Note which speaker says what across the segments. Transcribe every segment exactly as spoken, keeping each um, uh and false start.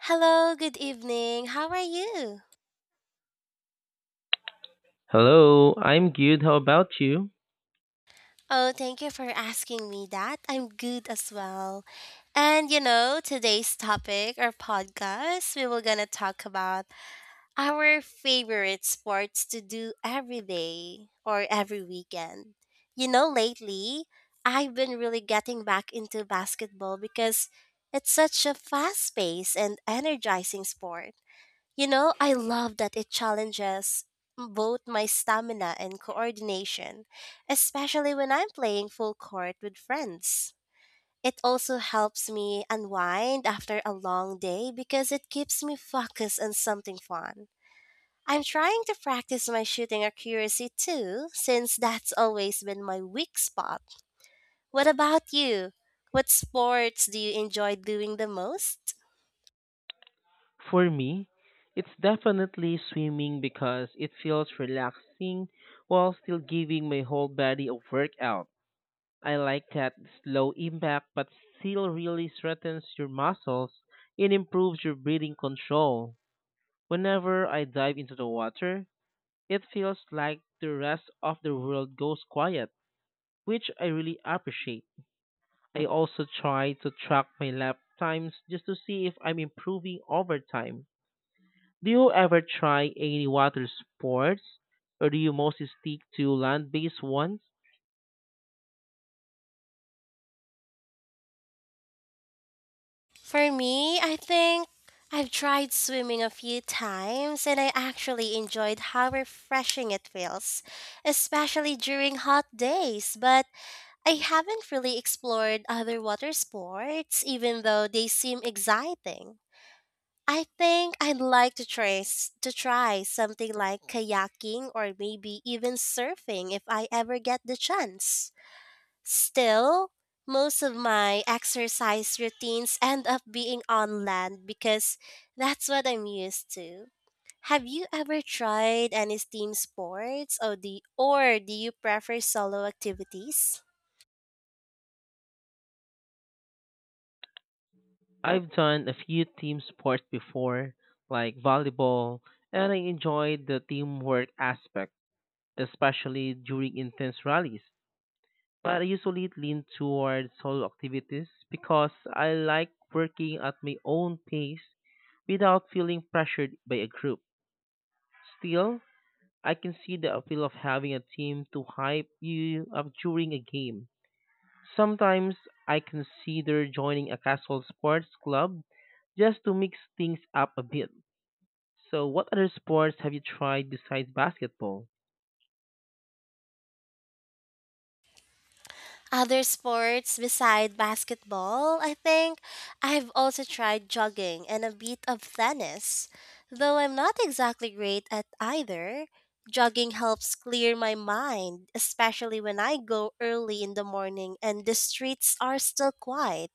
Speaker 1: Hello, good evening. How are you?
Speaker 2: Hello, I'm good. How about you?
Speaker 1: Oh, thank you for asking me that. I'm good as well. And you know, today's topic or podcast, we were gonna talk about our favorite sports to do every day or every weekend. You know, lately I've been really getting back into basketball because it's such a fast paced and energizing sport. You know, I love that it challenges both my stamina and coordination, especially when I'm playing full court with friends. It also helps me unwind after a long day because it keeps me focused on something fun. I'm trying to practice my shooting accuracy too, since that's always been my weak spot. What about you? What sports do you enjoy doing the most?
Speaker 2: For me, it's definitely swimming because it feels relaxing while still giving my whole body a workout. I like that slow impact but still really strengthens your muscles and improves your breathing control. Whenever I dive into the water, it feels like the rest of the world goes quiet, which I really appreciate. I also try to track my lap times just to see if I'm improving over time. Do you ever try any water sports or do you mostly stick to land-based ones?
Speaker 1: For me, I think I've tried swimming a few times and I actually enjoyed how refreshing it feels, especially during hot days. But I haven't really explored other water sports, even though they seem exciting. I think I'd like to trace to try something like kayaking or maybe even surfing if I ever get the chance. Still, most of my exercise routines end up being on land because that's what I'm used to. Have you ever tried any team sports or do, or do you prefer solo activities?
Speaker 2: I've done a few team sports before, like volleyball, and I enjoyed the teamwork aspect, especially during intense rallies. But I usually lean towards solo activities because I like working at my own pace without feeling pressured by a group. Still, I can see the appeal of having a team to hype you up during a game. Sometimes I consider joining a casual sports club just to mix things up a bit. So, what other sports have you tried besides basketball?
Speaker 1: Other sports beside basketball, I think I've also tried jogging and a bit of tennis. Though I'm not exactly great at either, jogging helps clear my mind, especially when I go early in the morning and the streets are still quiet.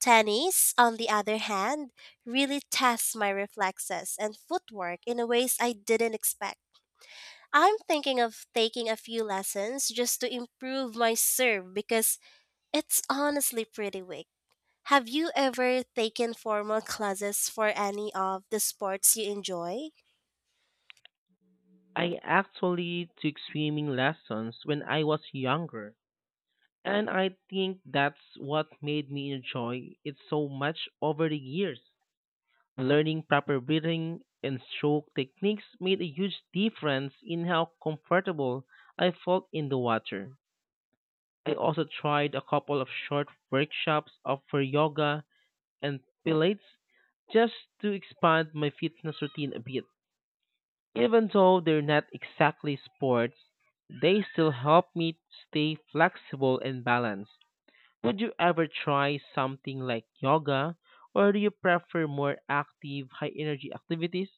Speaker 1: Tennis, on the other hand, really tests my reflexes and footwork in ways I didn't expect. I'm thinking of taking a few lessons just to improve my serve because it's honestly pretty weak. Have you ever taken formal classes for any of the sports you enjoy?
Speaker 2: I actually took swimming lessons when I was younger, and I think that's what made me enjoy it so much over the years. Learning proper breathing and stroke techniques made a huge difference in how comfortable I felt in the water. I also tried a couple of short workshops of- for yoga and pilates just to expand my fitness routine a bit. Even though they're not exactly sports, they still help me stay flexible and balanced. Would you ever try something like yoga, or do you prefer more active, high energy activities?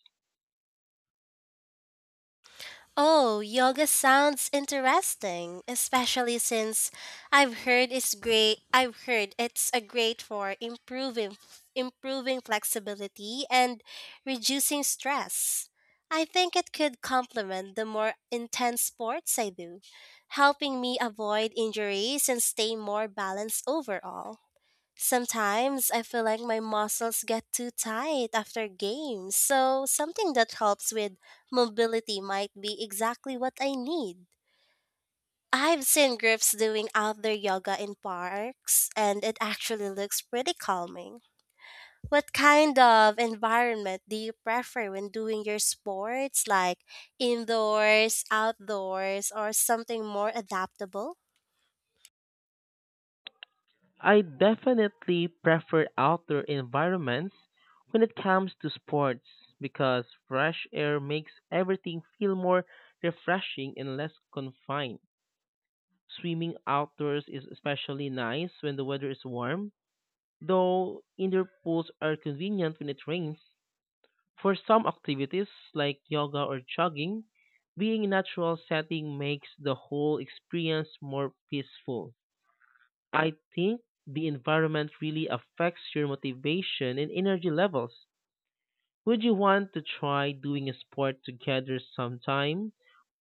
Speaker 1: Oh, yoga sounds interesting, especially since I've heard it's great. I've heard it's a great for improving improving flexibility and reducing stress. I think it could complement the more intense sports I do, helping me avoid injuries and stay more balanced overall. Sometimes I feel like my muscles get too tight after games, so something that helps with mobility might be exactly what I need. I've seen groups doing outdoor yoga in parks, and it actually looks pretty calming. What kind of environment do you prefer when doing your sports, like indoors, outdoors, or something more adaptable?
Speaker 2: I definitely prefer outdoor environments when it comes to sports because fresh air makes everything feel more refreshing and less confined. Swimming outdoors is especially nice when the weather is warm, though indoor pools are convenient when it rains. For some activities like yoga or jogging, being in a natural setting makes the whole experience more peaceful. I think the environment really affects your motivation and energy levels. Would you want to try doing a sport together sometime?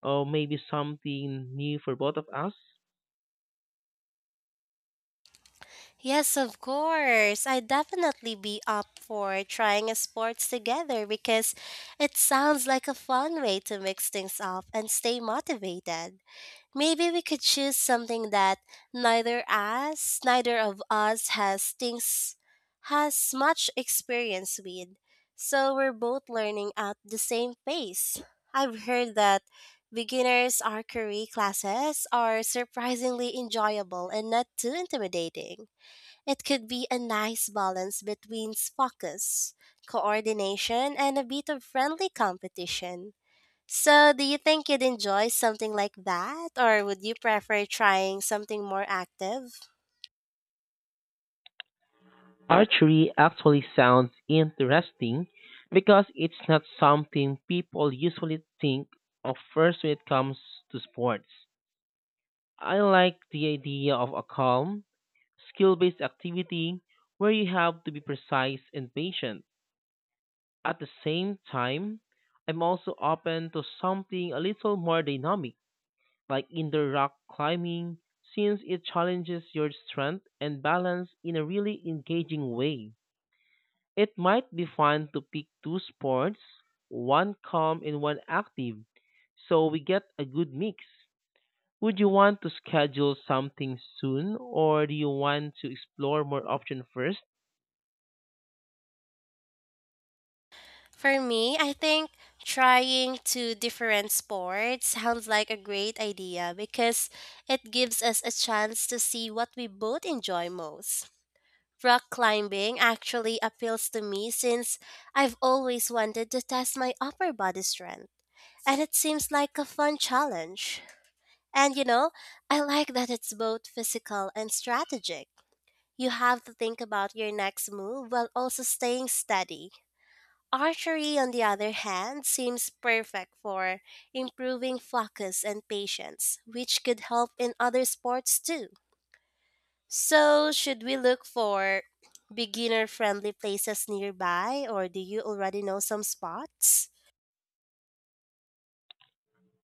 Speaker 2: Or maybe something new for both of us?
Speaker 1: Yes, of course. I'd definitely be up for trying a sports together because it sounds like a fun way to mix things up and stay motivated. Maybe we could choose something that neither us, neither of us has things has much experience with. So we're both learning at the same pace. I've heard that beginners archery classes are surprisingly enjoyable and not too intimidating. It could be a nice balance between focus, coordination, and a bit of friendly competition. So, do you think you'd enjoy something like that, or would you prefer trying something more active?
Speaker 2: Archery actually sounds interesting because it's not something people usually think of first when it comes to sports. I like the idea of a calm, skill based activity where you have to be precise and patient. At the same time, I'm also open to something a little more dynamic, like indoor rock climbing, since it challenges your strength and balance in a really engaging way. It might be fun to pick two sports, one calm and one active, so we get a good mix. Would you want to schedule something soon, or do you want to explore more options first?
Speaker 1: For me, I think trying two different sports sounds like a great idea because it gives us a chance to see what we both enjoy most. Rock climbing actually appeals to me since I've always wanted to test my upper body strength, and it seems like a fun challenge. And you know, I like that it's both physical and strategic. You have to think about your next move while also staying steady. Archery, on the other hand, seems perfect for improving focus and patience, which could help in other sports too. So, should we look for beginner friendly places nearby, or do you already know some spots?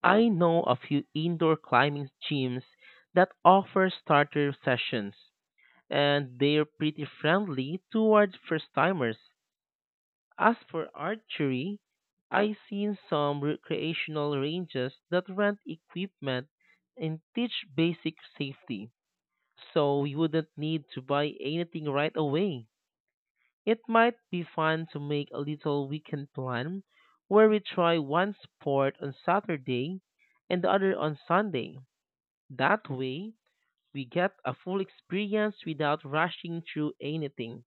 Speaker 2: I know a few indoor climbing gyms that offer starter sessions, and they're pretty friendly towards first timers. As for archery, I've seen some recreational ranges that rent equipment and teach basic safety, so you wouldn't need to buy anything right away. It might be fun to make a little weekend plan where we try one sport on Saturday and the other on Sunday. That way, we get a full experience without rushing through anything.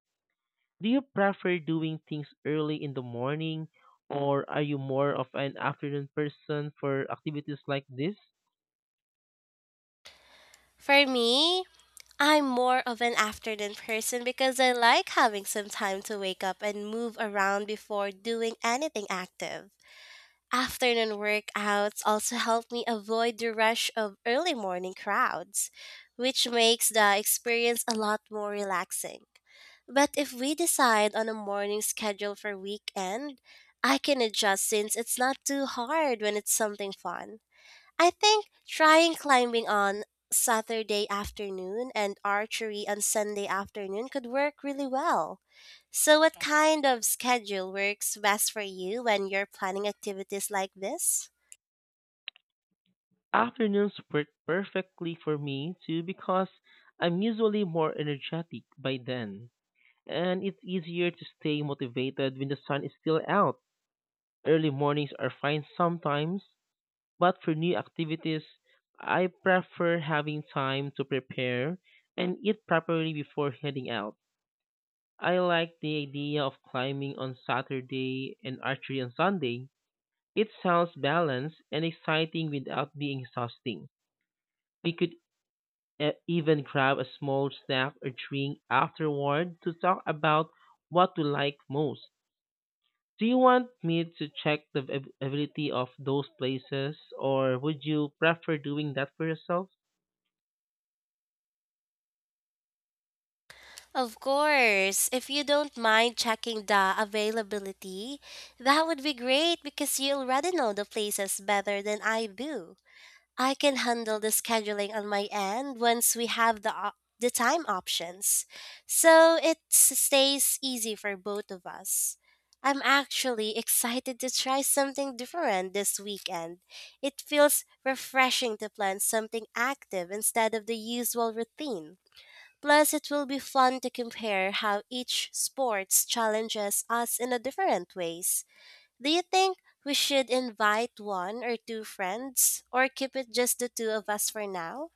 Speaker 2: Do you prefer doing things early in the morning, or are you more of an afternoon person for activities like this?
Speaker 1: For me, I'm more of an afternoon person because I like having some time to wake up and move around before doing anything active. Afternoon workouts also help me avoid the rush of early morning crowds, which makes the experience a lot more relaxing. But if we decide on a morning schedule for weekend, I can adjust since it's not too hard when it's something fun. I think trying climbing on Saturday afternoon and archery on Sunday afternoon could work really well. So, what kind of schedule works best for you when you're planning activities like this?
Speaker 2: Afternoons work perfectly for me too because I'm usually more energetic by then, and it's easier to stay motivated when the sun is still out. Early mornings are fine sometimes, but for new activities, I prefer having time to prepare and eat properly before heading out. I like the idea of climbing on Saturday and archery on Sunday. It sounds balanced and exciting without being exhausting. We could uh, even grab a small snack or drink afterward to talk about what we like most. Do you want me to check the av- availability of those places, or would you prefer doing that for yourself?
Speaker 1: Of course, if you don't mind checking the availability, that would be great because you already know the places better than I do. I can handle the scheduling on my end once we have the op- the time options. So it s- stays easy for both of us. I'm actually excited to try something different this weekend. It feels refreshing to plan something active instead of the usual routine. Plus, it will be fun to compare how each sports challenges us in a different ways. Do you think we should invite one or two friends or keep it just the two of us for now?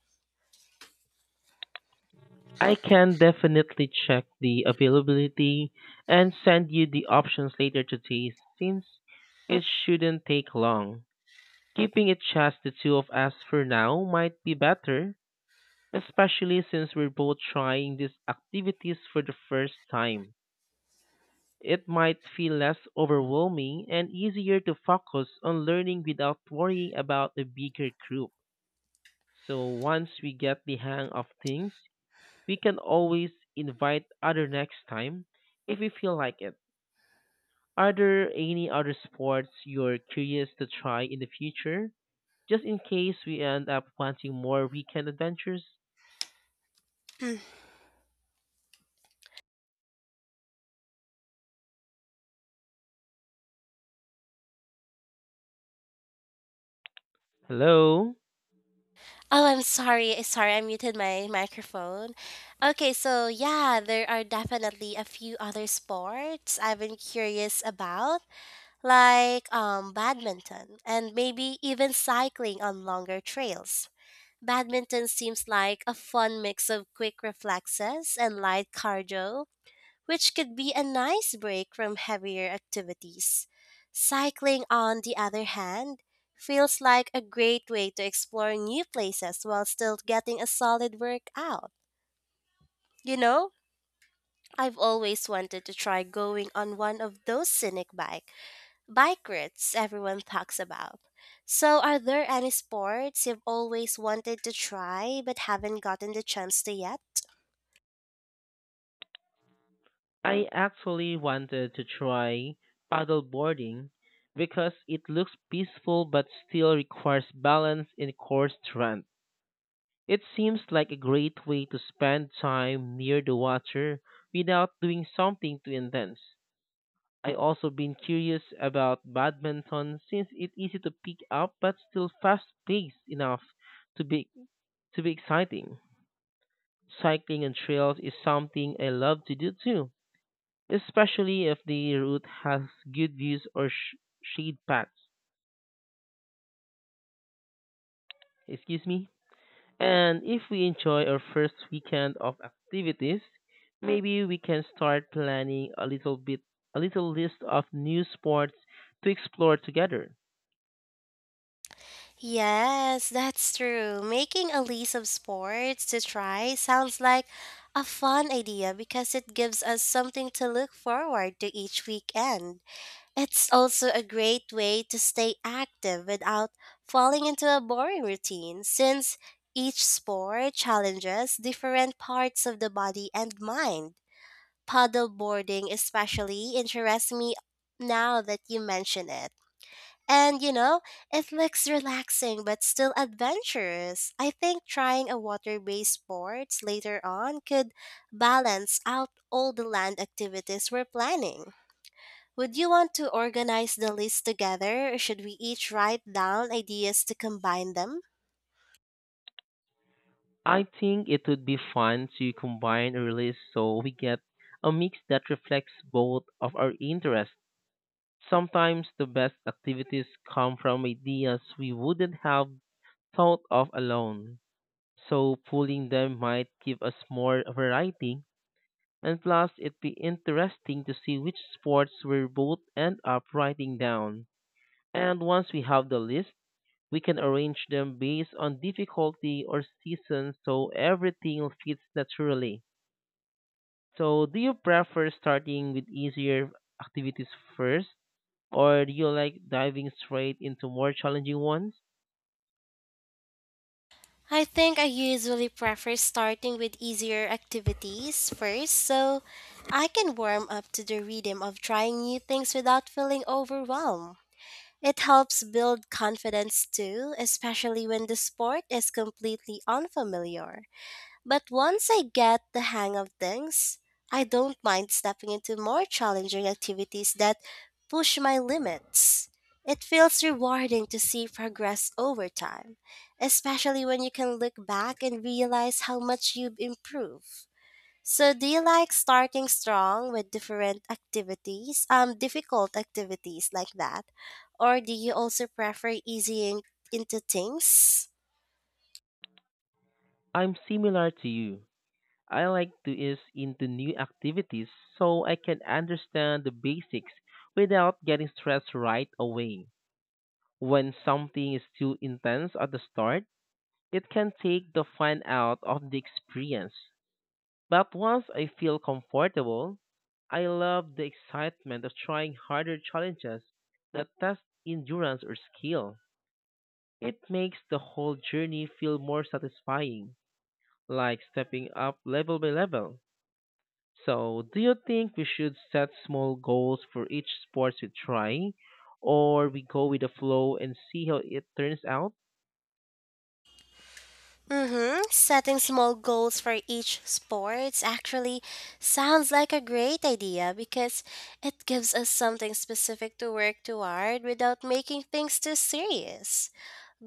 Speaker 2: I can definitely check the availability and send you the options later today since it shouldn't take long. Keeping it just the two of us for now might be better, especially since we're both trying these activities for the first time. It might feel less overwhelming and easier to focus on learning without worrying about the bigger group. So once we get the hang of things, we can always invite other next time if we feel like it. Are there any other sports you're curious to try in the future? Just in case we end up wanting more weekend adventures?
Speaker 1: Hmm.
Speaker 2: Hello?
Speaker 1: Oh, I'm sorry. eh, Sorry, I muted my microphone. Okay, so yeah, there are definitely a few other sports I've been curious about, like um badminton and maybe even cycling on longer trails. Badminton seems like a fun mix of quick reflexes and light cardio, which could be a nice break from heavier activities. Cycling, on the other hand, feels like a great way to explore new places while still getting a solid workout. You know, I've always wanted to try going on one of those scenic bike bike rides everyone talks about. So, are there any sports you've always wanted to try but haven't gotten the chance to yet?
Speaker 2: I actually wanted to try paddleboarding because it looks peaceful but still requires balance and core strength. It seems like a great way to spend time near the water without doing something too intense. I also been curious about badminton since it's easy to pick up but still fast-paced enough to be to be exciting. Cycling and trails is something I love to do too, especially if the route has good views or sh- shade paths. Excuse me. And if we enjoy our first weekend of activities, maybe we can start planning a little bit a little list of new sports to explore together.
Speaker 1: Yes, that's true. Making a list of sports to try sounds like a fun idea because it gives us something to look forward to each weekend. It's also a great way to stay active without falling into a boring routine since each sport challenges different parts of the body and mind. Paddle boarding especially interests me now that you mention it. And you know, it looks relaxing but still adventurous. I think trying a water based sports later on could balance out all the land activities we're planning. Would you want to organize the list together or should we each write down ideas to combine them?
Speaker 2: I think it would be fun to combine a release so we get a mix that reflects both of our interests. Sometimes the best activities come from ideas we wouldn't have thought of alone, so pulling them might give us more variety. And plus, it'd be interesting to see which sports we're both end up writing down. And once we have the list, we can arrange them based on difficulty or season so everything fits naturally. So, do you prefer starting with easier activities first, or do you like diving straight into more challenging ones?
Speaker 1: I think I usually prefer starting with easier activities first so I can warm up to the rhythm of trying new things without feeling overwhelmed. It helps build confidence too, especially when the sport is completely unfamiliar. But once I get the hang of things, I don't mind stepping into more challenging activities that push my limits. It feels rewarding to see progress over time, especially when you can look back and realize how much you've improved. So, do you like starting strong with different activities, um, difficult activities like that, or do you also prefer easing into things?
Speaker 2: I'm similar to you. I like to ease into new activities so I can understand the basics without getting stressed right away. When something is too intense at the start, it can take the fun out of the experience. But once I feel comfortable, I love the excitement of trying harder challenges that test endurance or skill. It makes the whole journey feel more satisfying, like stepping up level by level. So, do you think we should set small goals for each sport we try, or we go with the flow and see how it turns out?
Speaker 1: Mm-hmm. Setting small goals for each sports actually sounds like a great idea because it gives us something specific to work toward without making things too serious.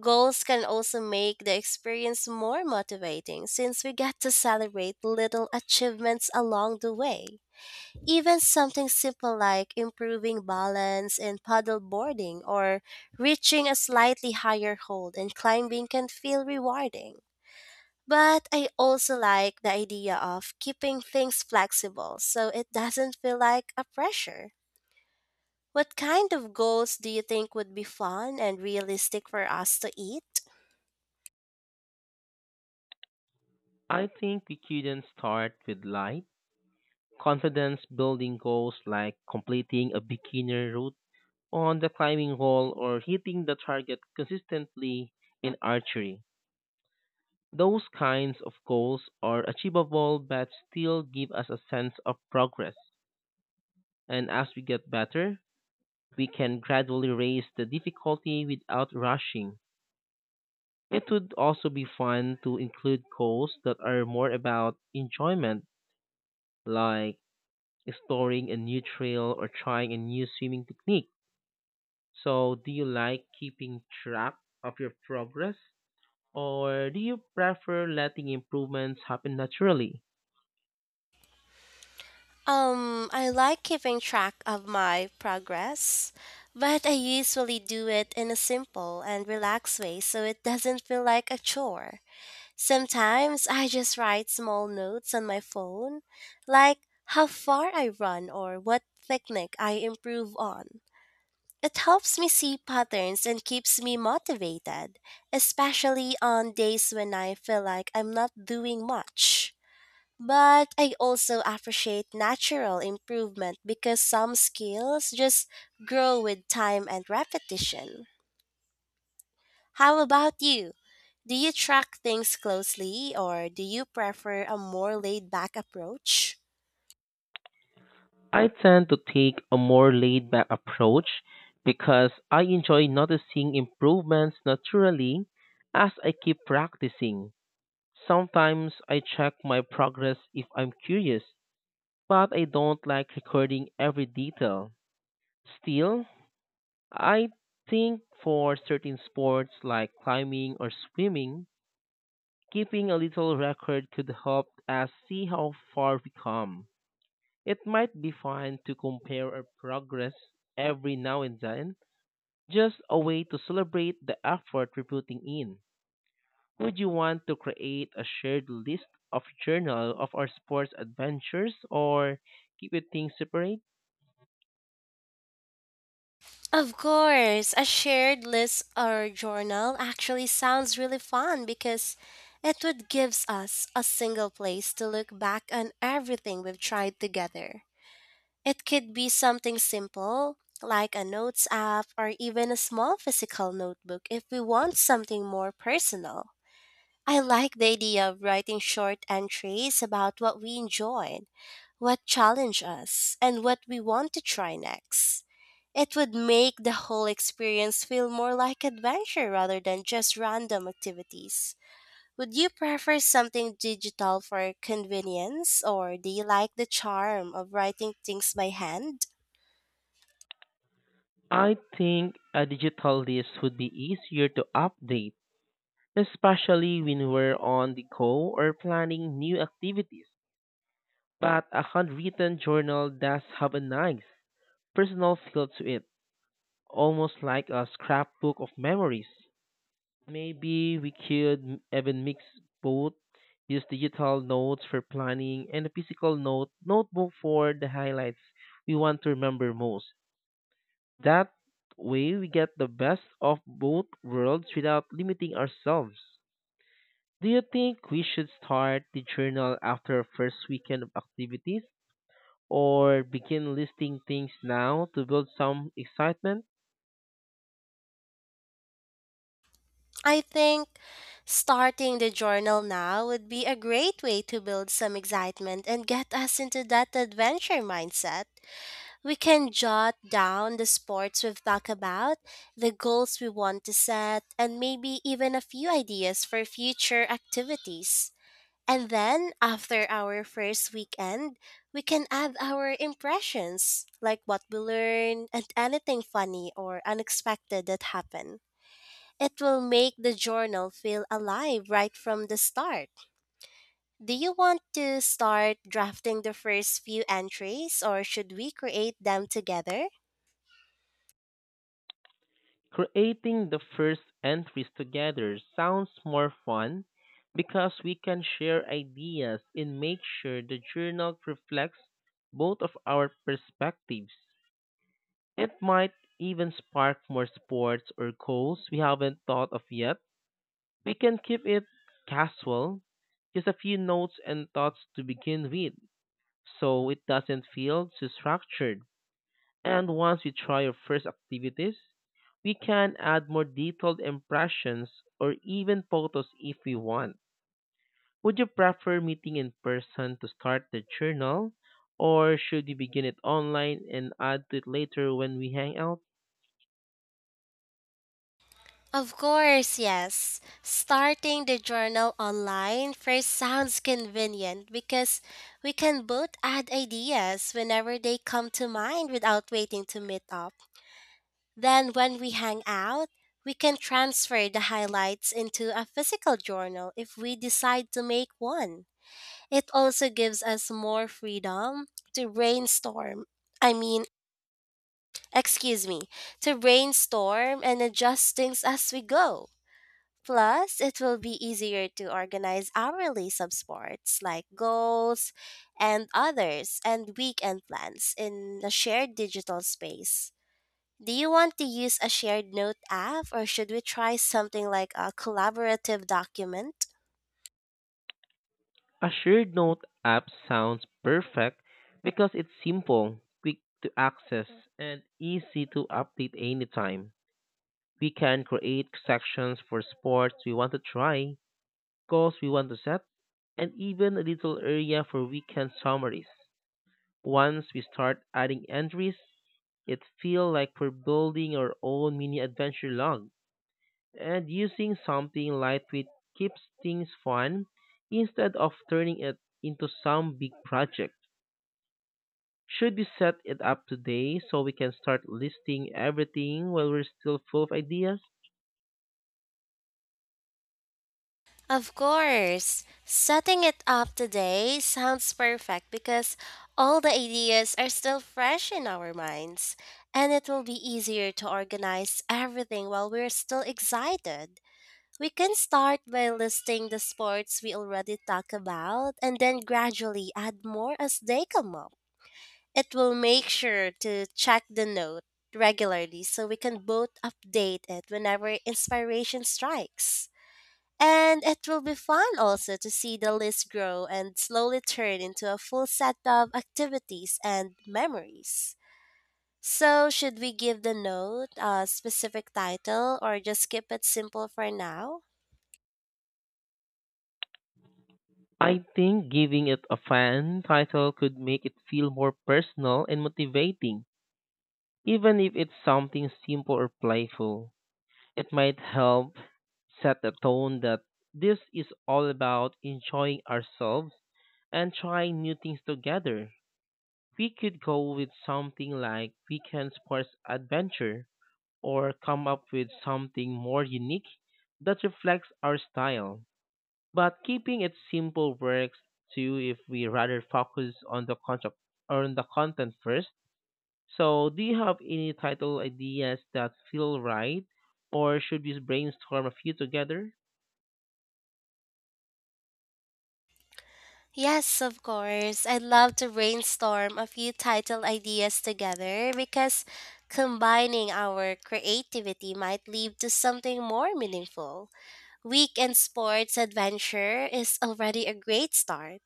Speaker 1: Goals can also make the experience more motivating since we get to celebrate little achievements along the way. Even something simple like improving balance in paddle boarding or reaching a slightly higher hold in climbing can feel rewarding. But I also like the idea of keeping things flexible so it doesn't feel like a pressure. What kind of goals do you think would be fun and realistic for us to eat?
Speaker 2: I think we couldn't start with light, confidence building goals like completing a beginner route on the climbing wall or hitting the target consistently in archery. Those kinds of goals are achievable but still give us a sense of progress. And as we get better, we can gradually raise the difficulty without rushing. It would also be fun to include goals that are more about enjoyment, like exploring a new trail or trying a new swimming technique. So, do you like keeping track of your progress? Or do you prefer letting improvements happen naturally?
Speaker 1: Um, I like keeping track of my progress, but I usually do it in a simple and relaxed way so it doesn't feel like a chore. Sometimes I just write small notes on my phone, like how far I run or what technique I improve on. It helps me see patterns and keeps me motivated, especially on days when I feel like I'm not doing much. But I also appreciate natural improvement because some skills just grow with time and repetition. How about you? Do you track things closely or do you prefer a more laid back approach?
Speaker 2: I tend to take a more laid back approach because I enjoy noticing improvements naturally as I keep practicing. Sometimes I check my progress if I'm curious, but I don't like recording every detail. Still, I think for certain sports like climbing or swimming, keeping a little record could help us see how far we come. It might be fun to compare our progress every now and then, just a way to celebrate the effort we're putting in. Would you want to create a shared list of journal of our sports adventures or keep it things separate?
Speaker 1: Of course, a shared list or journal actually sounds really fun because it would gives us a single place to look back on everything we've tried together. It could be something simple, like a notes app or even a small physical notebook if we want something more personal. I like the idea of writing short entries about what we enjoyed, what challenged us, and what we want to try next. It would make the whole experience feel more like adventure rather than just random activities. Would you prefer something digital for convenience, or do you like the charm of writing things by hand?
Speaker 2: I think a digital list would be easier to update, especially when we're on the go or planning new activities. But a handwritten journal does have a nice personal feel to it almost like a scrapbook of memories. Maybe we could m- even mix both, use digital notes for planning and a physical note notebook for the highlights we want to remember most. That way we get the best of both worlds without limiting ourselves. Do you think we should start the journal after first weekend of activities or begin listing things now to build some excitement?
Speaker 1: I think starting the journal now would be a great way to build some excitement and get us into that adventure mindset. We can jot down the sports we've talked about, the goals we want to set, and maybe even a few ideas for future activities. And then, after our first weekend, we can add our impressions, like what we learned and anything funny or unexpected that happened. It will make the journal feel alive right from the start. Do you want to start drafting the first few entries or should we create them together?
Speaker 2: Creating the first entries together sounds more fun because we can share ideas and make sure the journal reflects both of our perspectives. It might even spark more sports or goals we haven't thought of yet. We can keep it casual, just a few notes and thoughts to begin with, so it doesn't feel too structured. And once we try our first activities, we can add more detailed impressions or even photos if we want. Would you prefer meeting in person to start the journal, or should we begin it online and add to it later when we hang out?
Speaker 1: Of course, yes. Starting the journal online first sounds convenient because we can both add ideas whenever they come to mind without waiting to meet up. Then, when we hang out, we can transfer the highlights into a physical journal if we decide to make one. It also gives us more freedom to brainstorm. I mean, excuse me, to brainstorm and adjust things as we go. Plus, it will be easier to organize hourly subsports like goals and others and weekend plans in a shared digital space. Do you want to use a shared note app or should we try something like a collaborative document?
Speaker 2: A shared note app sounds perfect because it's simple, quick to access, and easy to update anytime. We can create sections for sports we want to try goals we want to set, and even a little area for weekend summaries. Once we start adding entries, it feels like we're building our own mini adventure log. And using something lightweight keeps things fun instead of turning it into some big project. Should we set it up today so we can start listing everything while we're still full of ideas?
Speaker 1: Of course. Setting it up today sounds perfect because all the ideas are still fresh in our minds, and it will be easier to organize everything while we're still excited. We can start by listing the sports we already talked about and then gradually add more as they come up. It will make sure to check the note regularly so we can both update it whenever inspiration strikes. And it will be fun also to see the list grow and slowly turn into a full set of activities and memories. So, should we give the note a specific title or just keep it simple for now?
Speaker 2: I think giving it a fun title could make it feel more personal and motivating. Even if it's something simple or playful, it might help set the tone that this is all about enjoying ourselves and trying new things together. We could go with something like weekend sports adventure or come up with something more unique that reflects our style. But keeping it simple works too if we rather focus on the concept or on the content first so, do you have any title ideas that feel right, or should we brainstorm a few together?
Speaker 1: Yes, of course. I'd love to brainstorm a few title ideas together because combining our creativity might lead to something more meaningful. Weekend sports adventure is already a great start,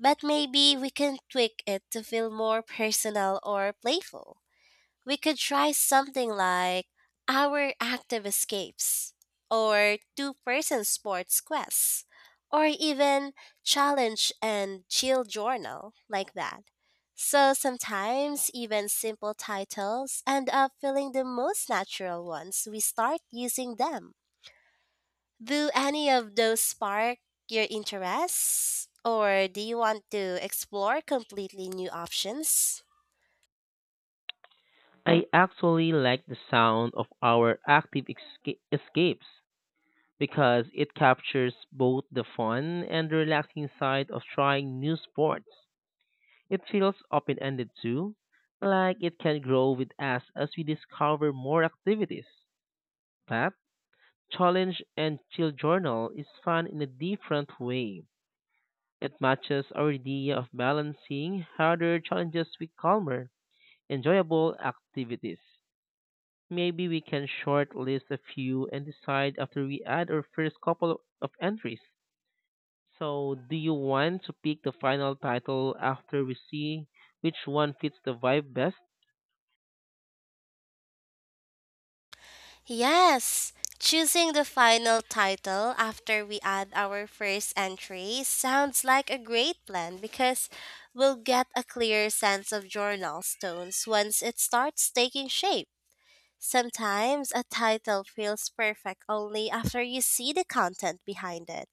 Speaker 1: but maybe we can tweak it to feel more personal or playful. We could try something like Our Active Escapes, or Two Person Sports Quests, or even Challenge and Chill Journal, like that. So sometimes even simple titles end up feeling the most natural once we start using them. Do any of those spark your interests? Or do you want to explore completely new options?
Speaker 2: I actually like the sound of our active esca- escapes because it captures both the fun and relaxing side of trying new sports. It feels open ended too, like it can grow with us as we discover more activities. That challenge and chill journal is fun in a different way. It matches our idea of balancing harder challenges with calmer, enjoyable activities. Maybe we can shortlist a few and decide after we add our first couple of entries. So, do you want to pick the final title after we see which one fits the vibe best?
Speaker 1: Yes, choosing the final title after we add our first entry sounds like a great plan because we'll get a clear sense of journal stones once it starts taking shape. Sometimes a title feels perfect only after you see the content behind it.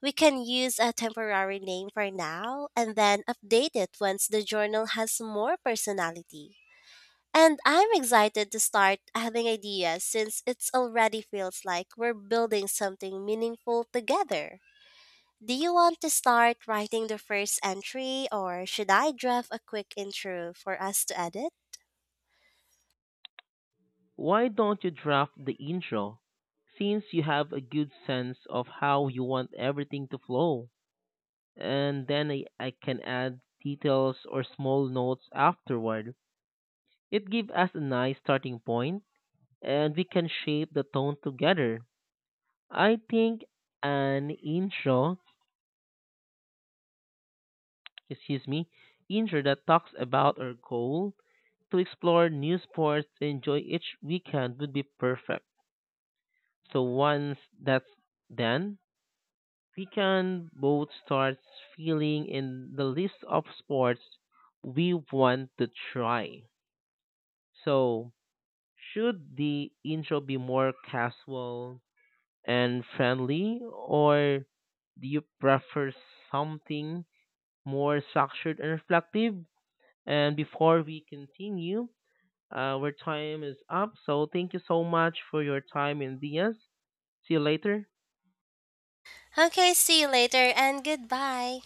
Speaker 1: We can use a temporary name for now and then update it once the journal has more personality. And I'm excited to start having ideas since it already feels like we're building something meaningful together. Do you want to start writing the first entry or should I draft a quick intro for us to edit?
Speaker 2: Why don't you draft the intro? Since you have a good sense of how you want everything to flow, and then I, I can add details or small notes afterward. It gives us a nice starting point and we can shape the tone together. I think an intro, excuse me, intro that talks about our goal to explore new sports, enjoy each weekend would be perfect. So once that's done, we can both start filling in the list of sports we want to try. So should the intro be more casual and friendly, or do you prefer something more structured and reflective? And before we continue, uh, our time is up. So thank you so much for your time, Indias. See you later.
Speaker 1: Okay, see you later and goodbye.